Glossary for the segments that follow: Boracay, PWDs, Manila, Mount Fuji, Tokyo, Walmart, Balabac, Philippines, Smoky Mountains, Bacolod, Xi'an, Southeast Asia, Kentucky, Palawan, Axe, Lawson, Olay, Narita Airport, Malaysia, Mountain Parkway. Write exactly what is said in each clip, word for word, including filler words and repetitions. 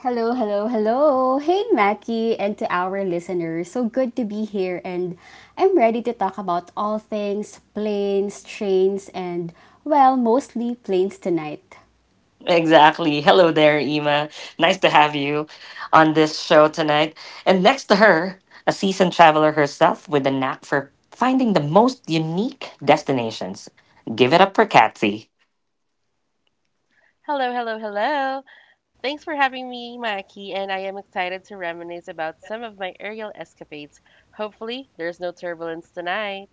Hello, hello, hello. Hey, Mackie, and to our listeners. So good to be here, and I'm ready to talk about all things planes, trains, and, well, mostly planes tonight. Hello, hello, hello. Thanks for having me, Maki, and I am excited to reminisce about some of my aerial escapades. Hopefully, there's no turbulence tonight.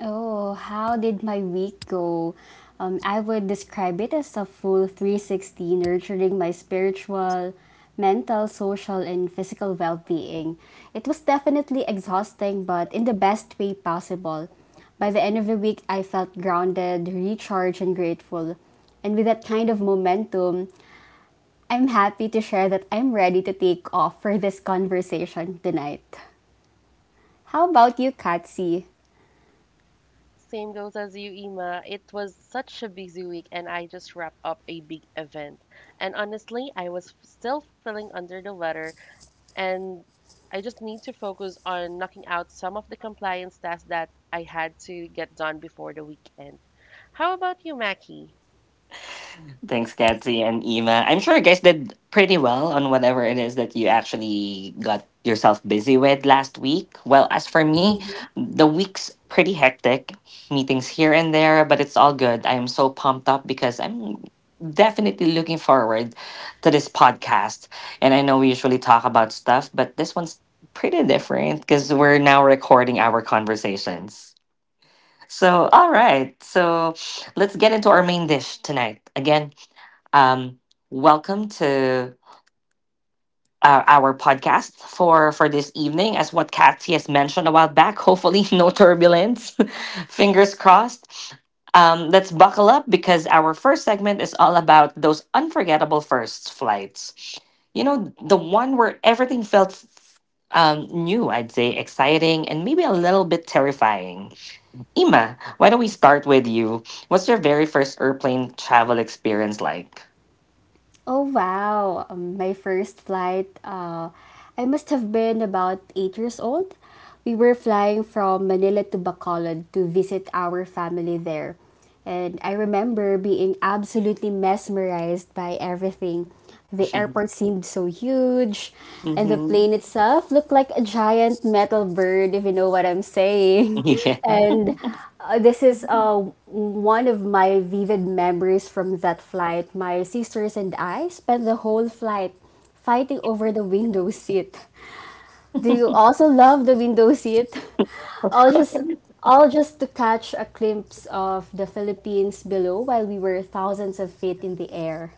Oh, how did my week go? Um, I would describe it as a full three sixty, nurturing my spiritual, mental, social, and physical well being. It was definitely exhausting, but in the best way possible. By the end of the week, I felt grounded, recharged, and grateful. And with that kind of momentum, I'm happy to share that I'm ready to take off for this conversation tonight. How about you, Katsi? Same goes as you, Ima. It was such a busy week, and I just wrapped up a big event. And honestly, I was f- still feeling under the weather, and I just need to focus on knocking out some of the compliance tasks that I had to get done before the weekend. How about you, Maki? Oh wow, um, my first flight, uh, I must have been about eight years old. We were flying from Manila to Bacolod to visit our family there. And I remember being absolutely mesmerized by everything. The airport seemed so huge, and the plane itself looked like a giant metal bird, if you know what I'm saying. And uh, this is uh, one of my vivid memories from that flight. My sisters and I spent the whole flight fighting over the window seat. Do you also love the window seat? All just all just to catch a glimpse of the Philippines below while we were thousands of feet in the air.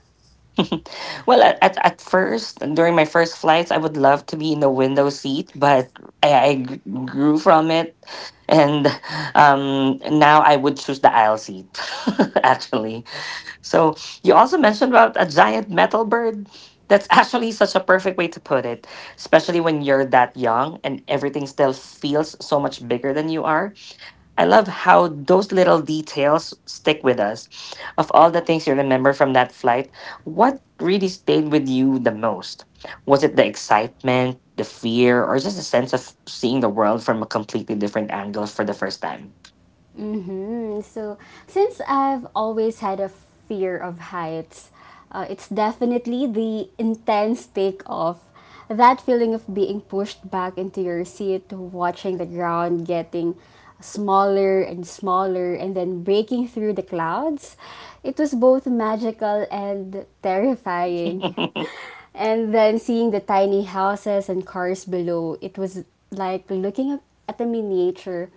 Mm-hmm. So, since I've always had a fear of heights, uh, it's definitely the intense takeoff. That feeling of being pushed back into your seat, watching the ground getting smaller and smaller, and then breaking through the clouds. It was both magical and terrifying. And then seeing the tiny houses and cars below, it was like looking up at a miniature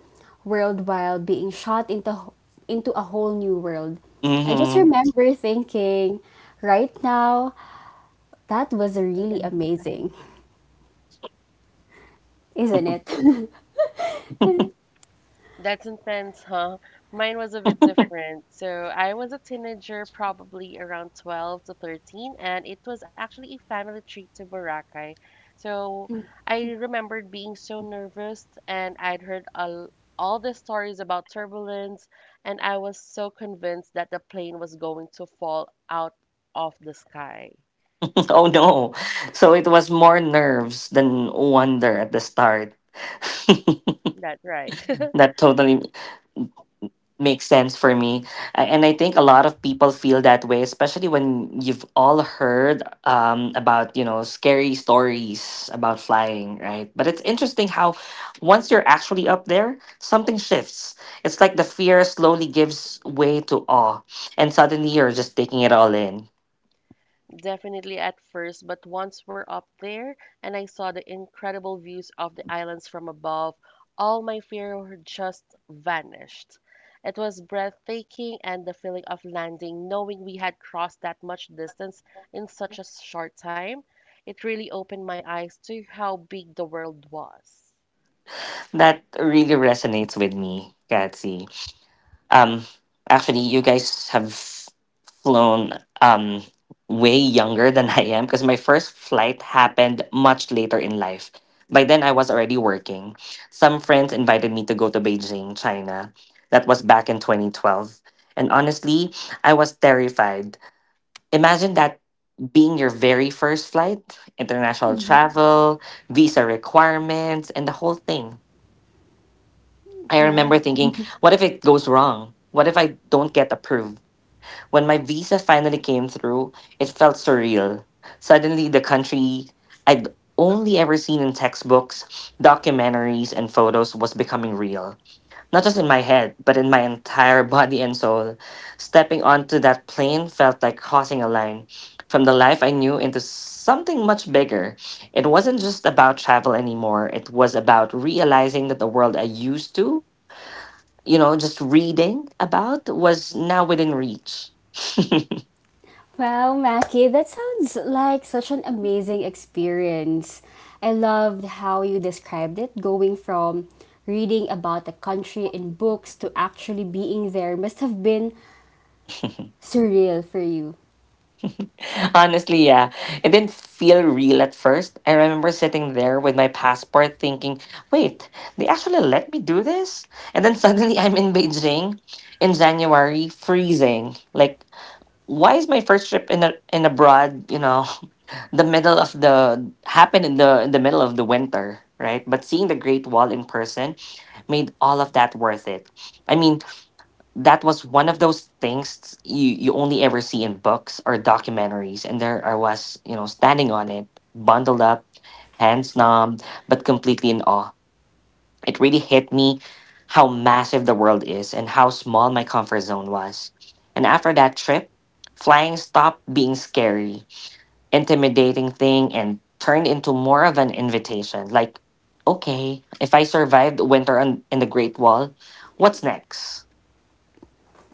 world while being shot into into a whole new world. I just remember thinking, right now, that was really amazing, isn't it? That's intense, huh? Mine was a bit different. So I was a teenager, probably around twelve to thirteen, and it was actually a family trip to Boracay. So I remembered being so nervous, and I'd heard all, all the stories about turbulence, and I was so convinced that the plane was going to fall out of the sky. That's right. Definitely at first, but once we're up there and I saw the incredible views of the islands from above, all my fear just vanished. It was breathtaking, and the feeling of landing, knowing we had crossed that much distance in such a short time, it really opened my eyes to how big the world was. Yeah. Wow, Mackie, that sounds like such an amazing experience. I loved how you described it, going from reading about the country in books to actually being there must have been surreal for you.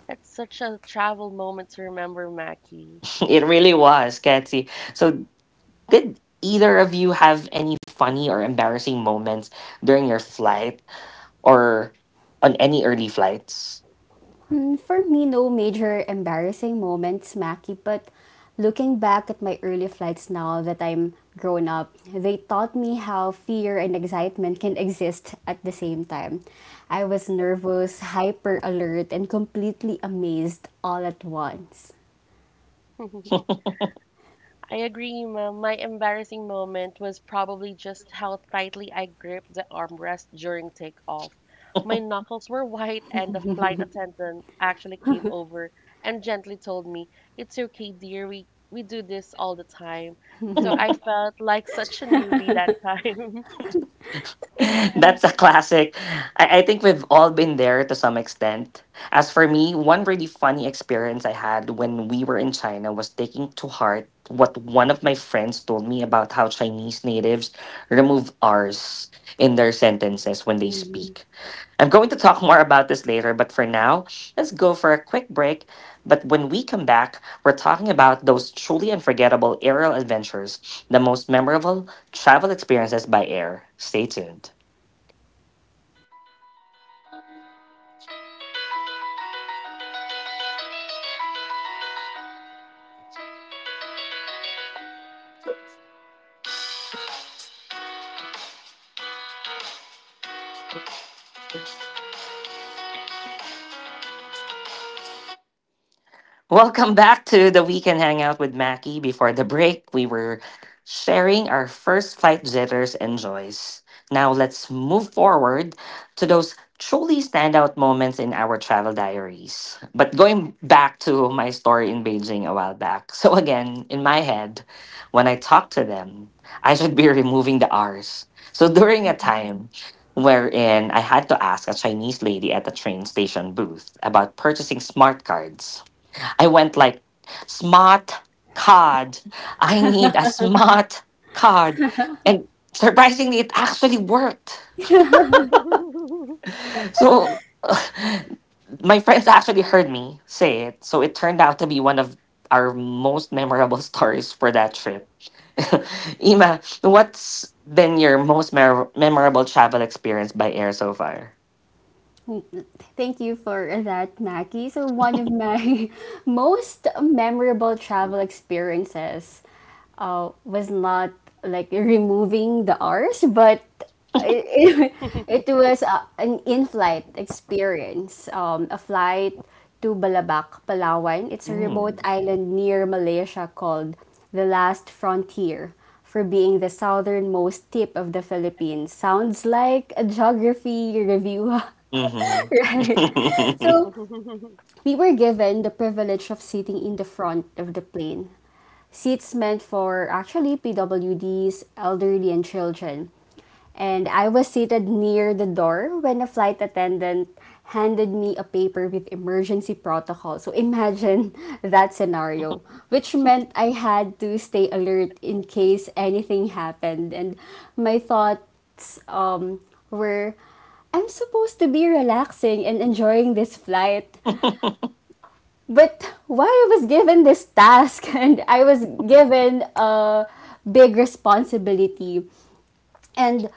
That's such a travel moment to remember, Mackie. Hmm. For me, no major embarrassing moments, Maki, but looking back at my early flights now that I'm grown up, they taught me how fear and excitement can exist at the same time. I was nervous, hyper alert, and completely amazed all at once. I agree, ma'am. My embarrassing moment was probably just how tightly I gripped the armrest during takeoff. My knuckles were white, and the flight attendant actually came over and gently told me, "It's okay, dear. We, we do this all the time." So I felt like such a newbie that time. Thank you for that, Mackie. So, one of my most memorable travel experiences uh, was not like removing the R's, but it, it, it was uh, an in flight experience. Um, a flight to Balabac, Palawan. It's a remote island near Malaysia called the Last Frontier. For being the southernmost tip of the Philippines. Sounds like a geography review. Right. So we were given the privilege of sitting in the front of the plane seats meant for actually P W Ds, elderly, and children. And I was seated near the door when a flight attendant handed me a paper with emergency protocol. So imagine that scenario, which meant I had to stay alert in case anything happened. And my thoughts um, were, I'm supposed to be relaxing and enjoying this flight, but why I was given this task, and I was given a big responsibility. And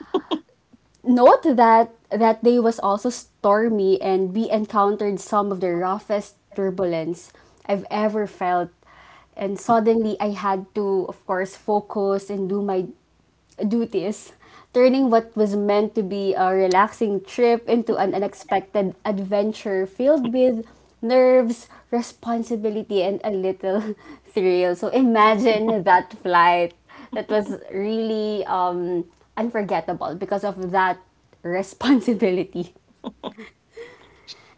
note that that day was also stormy and we encountered some of the roughest turbulence I've ever felt. And suddenly I had to, of course, focus and do my duties, turning what was meant to be a relaxing trip into an unexpected adventure filled with nerves, responsibility, and a little thrill. So imagine that flight. That was really um, unforgettable because of that responsibility.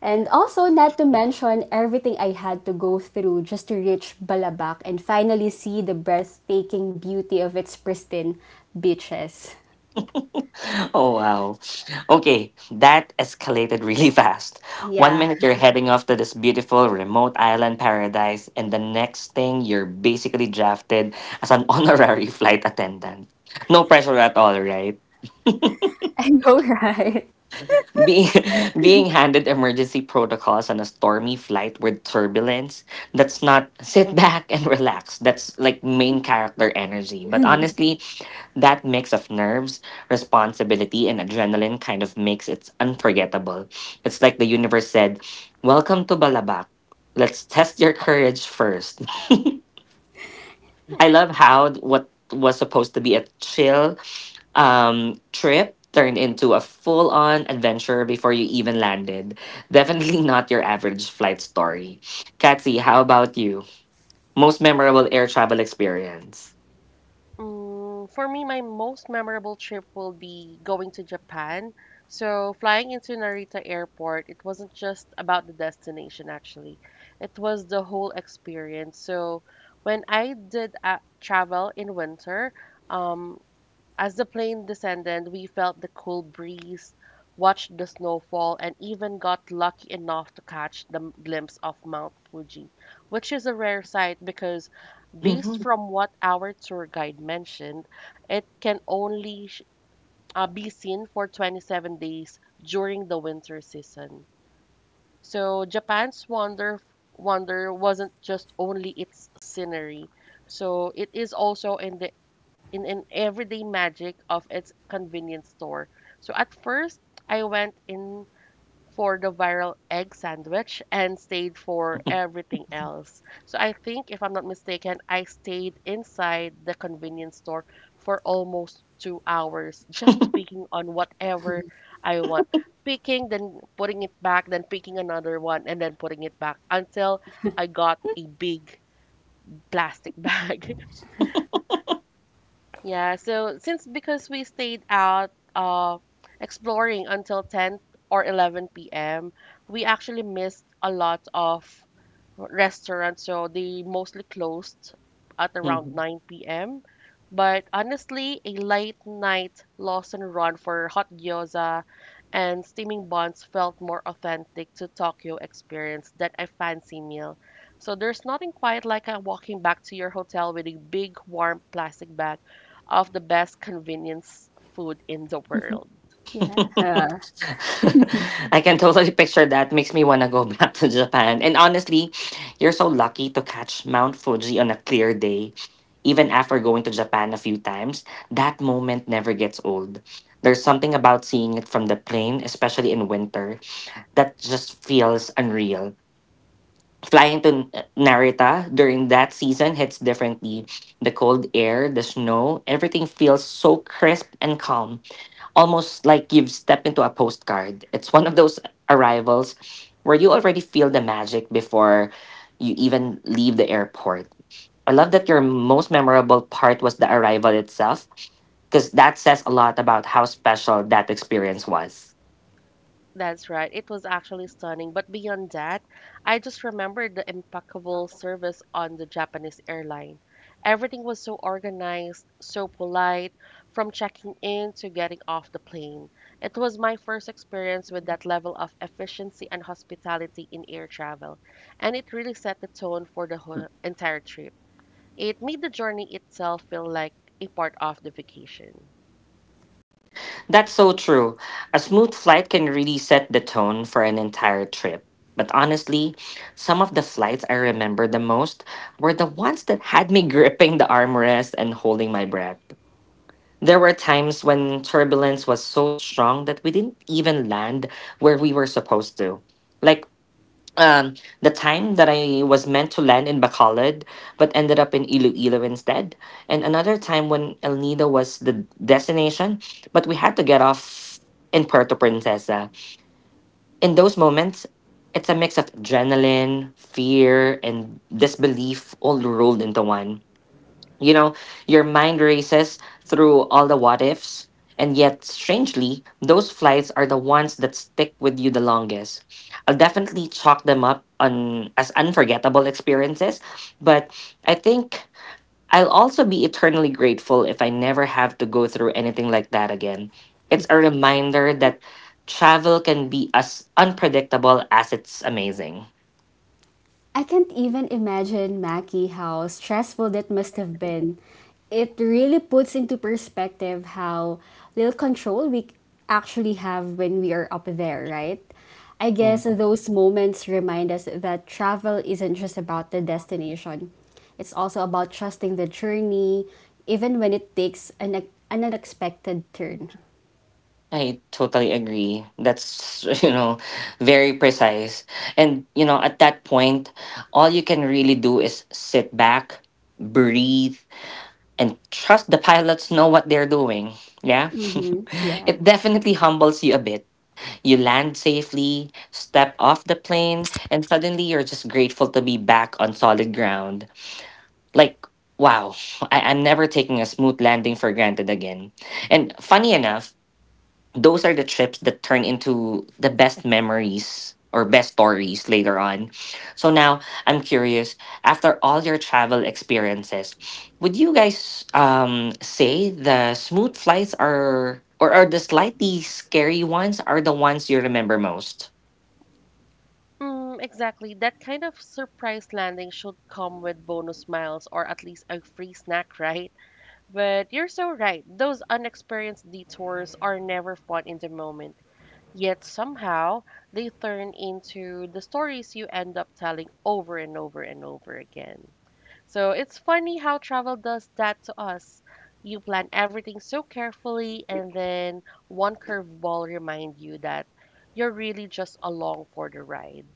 And also, not to mention everything I had to go through just to reach Balabac and finally see the breathtaking beauty of its pristine beaches. Yeah. I know, right? Mm, for me, my most memorable trip will be going to Japan. So, flying into Narita Airport, it wasn't just about the destination, actually. It was the whole experience. So, when I did uh, travel in winter, um, as the plane descended, we felt the cool breeze, watched the snowfall, and even got lucky enough to catch the m- glimpse of Mount Fuji, which is a rare sight because, based from what our tour guide mentioned, it can only sh- uh, be seen for twenty-seven days during the winter season. So Japan's wonder wonder wasn't just only its scenery. So it is also in the in an everyday magic of its convenience store. So at first I went in for the viral egg sandwich and stayed for everything else. So I think, if I'm not mistaken, I stayed inside the convenience store for almost two hours, just picking on whatever I want. Picking, then putting it back, then picking another one, and then putting it back until I got a big plastic bag. Yeah, so since because we stayed out uh exploring until ten or eleven p m, we actually missed a lot of restaurants. So they mostly closed at around nine p m. But honestly, a late night Lawson run for hot gyoza and steaming buns felt more authentic to Tokyo experience than a fancy meal. So there's nothing quite like uh, walking back to your hotel with a big warm plastic bag of the best convenience food in the world. Yeah. Yeah. That's right. It was actually stunning. But beyond that, I just remembered the impeccable service on the Japanese airline. Everything was so organized, so polite, from checking in to getting off the plane. It was my first experience with that level of efficiency and hospitality in air travel, and it really set the tone for the whole entire trip. It made the journey itself feel like a part of the vacation. I can't even imagine, Mackie, how stressful that must have been. It really puts into perspective how little control we actually have when we are up there, right? I guess those moments remind us that travel isn't just about the destination. It's also about trusting the journey, even when it takes an, an unexpected turn. Hmm. Yeah. Mm, exactly. That kind of surprise landing should come with bonus miles or at least a free snack, right? But you're so right. Those unexperienced detours are never fun in the moment. Yet somehow they turn into the stories you end up telling over and over and over again. So it's funny how travel does that to us. You plan everything so carefully, and then one curveball reminds you that you're really just along for the ride.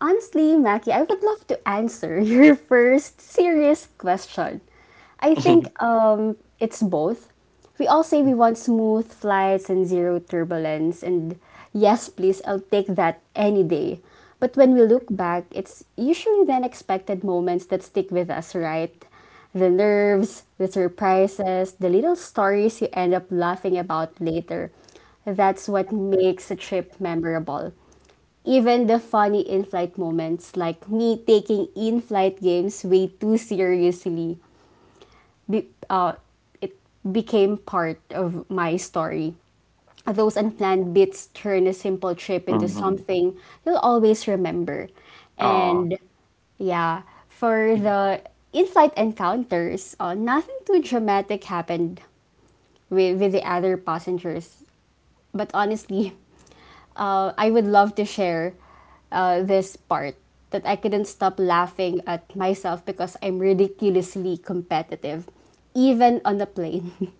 Honestly, Mackie, I would love to answer your first serious question. I think um, it's both. We all say we want smooth flights and zero turbulence, and yes, please, I'll take that any day. But when we look back, it's usually the unexpected moments that stick with us, right? The nerves, the surprises, the little stories you end up laughing about later. That's what makes a trip memorable. Even the funny in-flight moments, like me taking in-flight games way too seriously, be, uh, it became part of my story. Those unplanned bits turn a simple trip into something you'll always remember. And yeah, for the in-flight encounters, uh, nothing too dramatic happened with, with the other passengers. But honestly, uh, I would love to share uh, this part that I couldn't stop laughing at myself because I'm ridiculously competitive, even on the plane.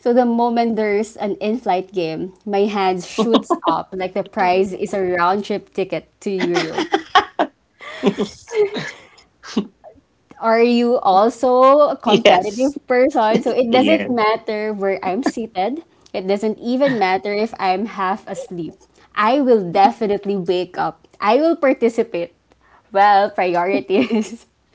So the moment there's an in-flight game, my hand shoots up like the prize is a round-trip ticket to Europe. Are you also a competitive person? So it doesn't matter where I'm seated. It doesn't even matter if I'm half asleep. I will definitely wake up. I will participate. Well, priorities.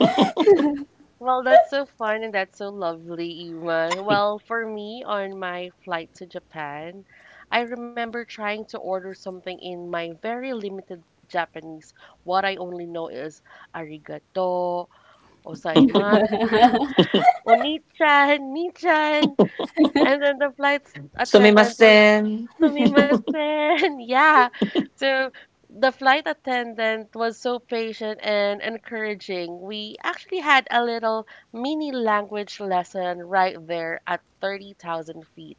Well, that's so fun and that's so lovely, Ima. Well, for me, on my flight to Japan, I remember trying to order something in my very limited Japanese. What I only know is arigato, osaimasu, oni-chan, ni-chan. And then the flight attendant was Sumimasen. Yeah. So the flight attendant was so patient and encouraging. We actually had a little mini language lesson right there at thirty thousand feet.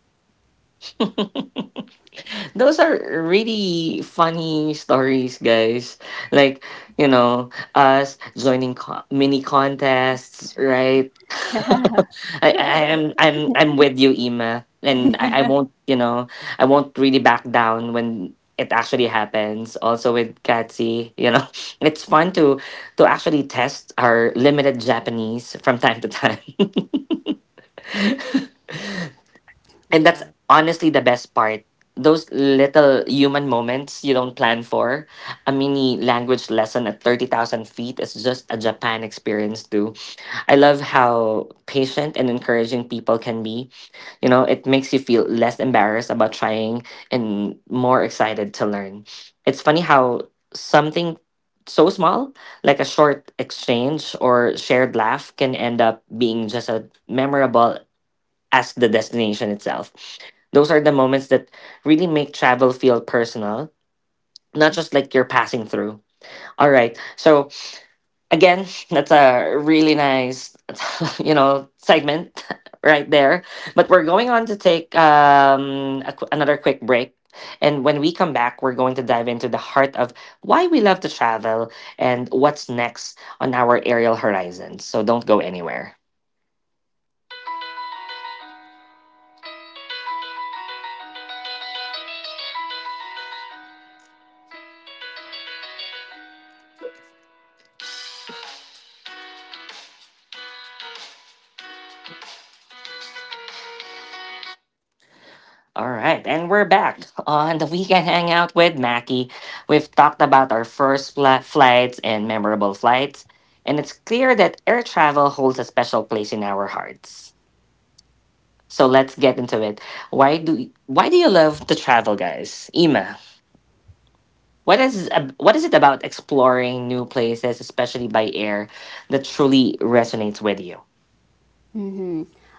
Yeah.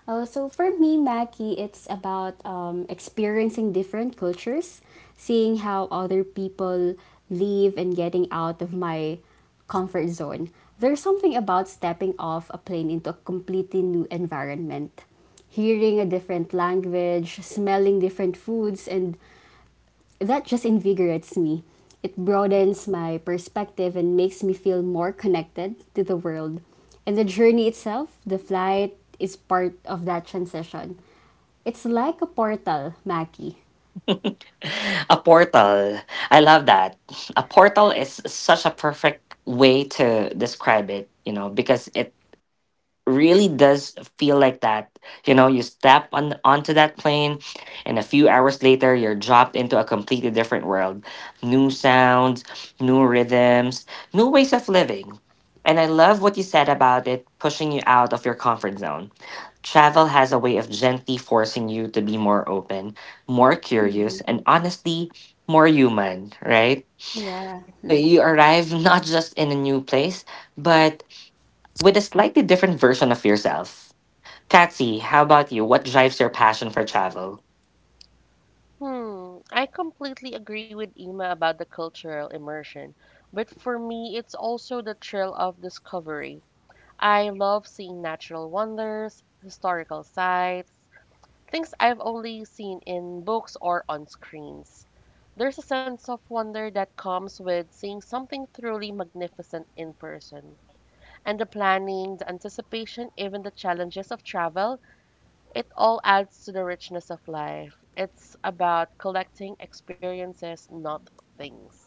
Uh, so for me, Maggie, it's about um, experiencing different cultures, seeing how other people live, and getting out of my comfort zone. There's something about stepping off a plane into a completely new environment, hearing a different language, smelling different foods, and that just invigorates me. It broadens my perspective and makes me feel more connected to the world. And the journey itself, the flight, is part of that transition. It's like a portal, Mackie. Yeah. Hmm. I completely agree with Ima about the cultural immersion, but for me, it's also the thrill of discovery. I love seeing natural wonders, historical sites, things I've only seen in books or on screens. There's a sense of wonder that comes with seeing something truly magnificent in person. And the planning, the anticipation, even the challenges of travel, it all adds to the richness of life. It's about collecting experiences, not things.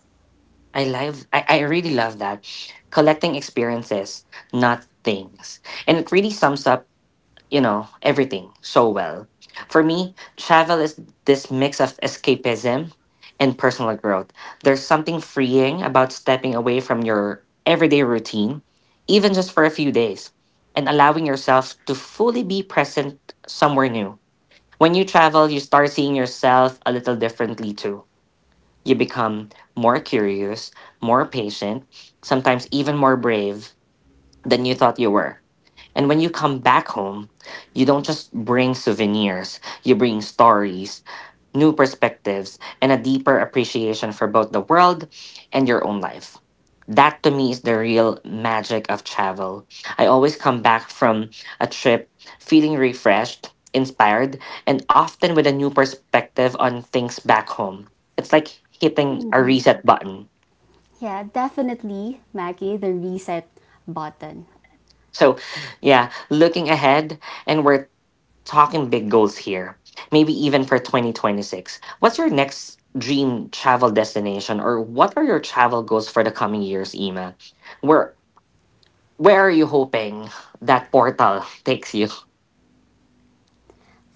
Yeah, definitely, Mackie, the reset button.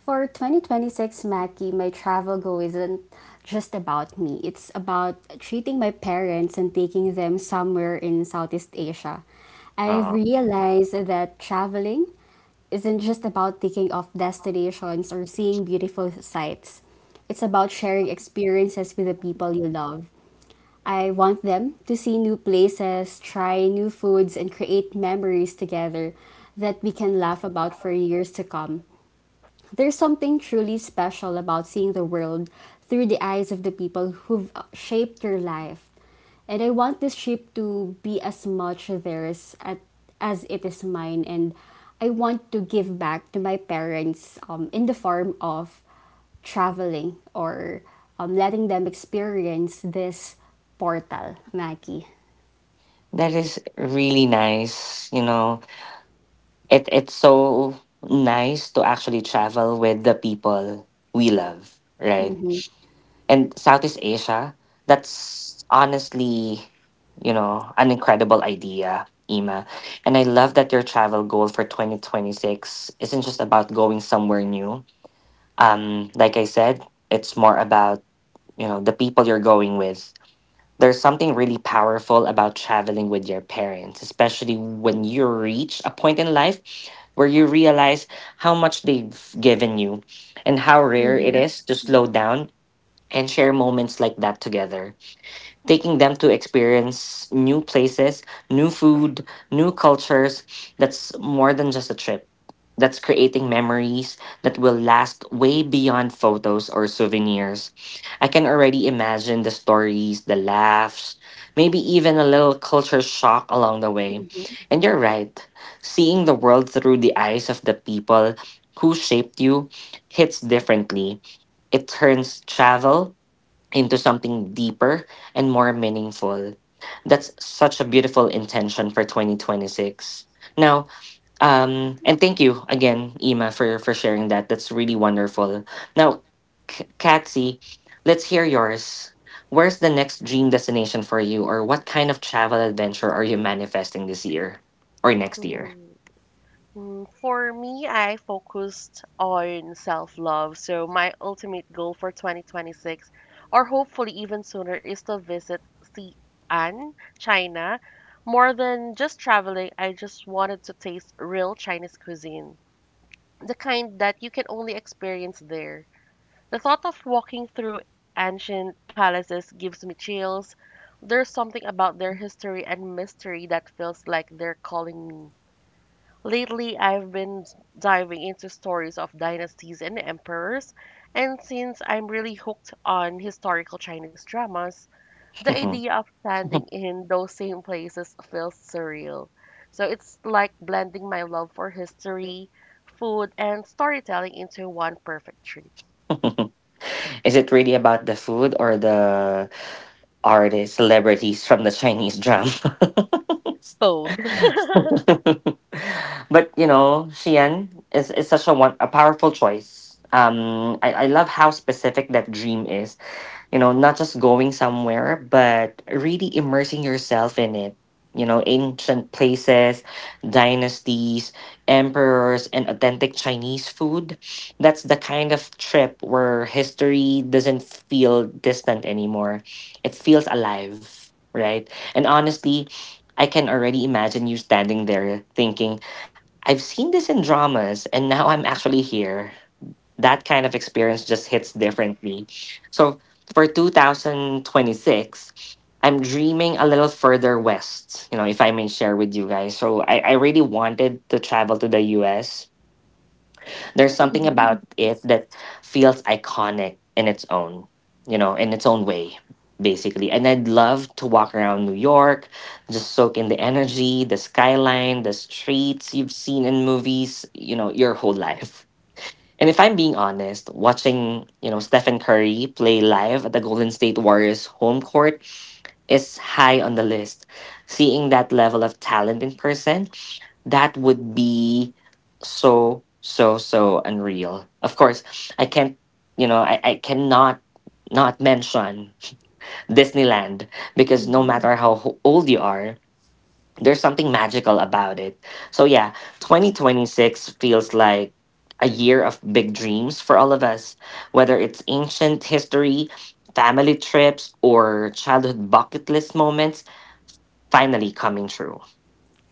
For twenty twenty-six, Mackie, my travel goal isn't just about me. It's about treating my parents and taking them somewhere in Southeast Asia. I've realized that traveling isn't just about taking off destinations or seeing beautiful sights. It's about sharing experiences with the people you love. I want them to see new places, try new foods, and create memories together that we can laugh about for years to come. There's something truly special about seeing the world through the eyes of the people who've uh, shaped your life. And I want this trip to be as much theirs at, as it is mine. And I want to give back to my parents um, in the form of traveling or um, letting them experience this portal, Mackie. Yeah. Mm, for me, I focused on self love. So, my ultimate goal for twenty twenty-six, or hopefully even sooner, is to visit Xi'an, China. More than just traveling, I just wanted to taste real Chinese cuisine, the kind that you can only experience there. The thought of walking through ancient palaces gives me chills. There's something about their history and mystery that feels like they're calling me. Lately, I've been diving into stories of dynasties and emperors, and since I'm really hooked on historical Chinese dramas, the idea of standing in those same places feels surreal. So it's like blending my love for history, food, and storytelling into one perfect treat. Both.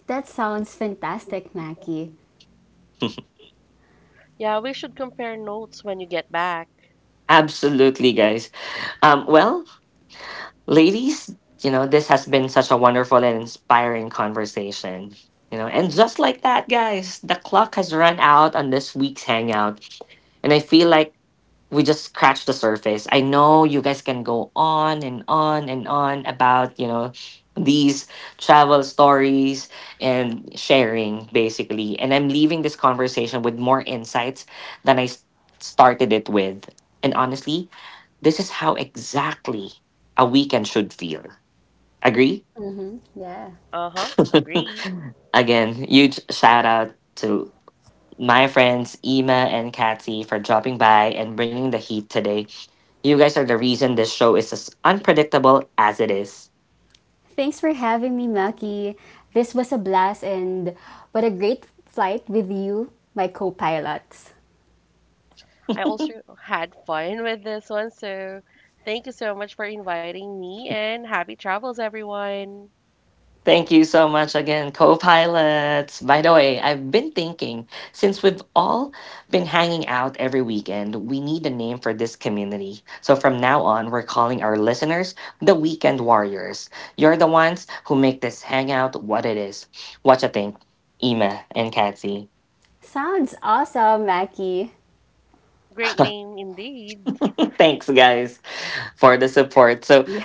That sounds fantastic, Mackie. Yeah, we should compare notes when you get back. Mm-hmm. Yeah. Uh huh, agree. Thanks for having me, Maki. This was a blast and what a great flight with you, my co pilots. I also had fun with this one. So thank you so much for inviting me and happy travels, everyone. Sounds awesome, Maki. Great name indeed. Yeah.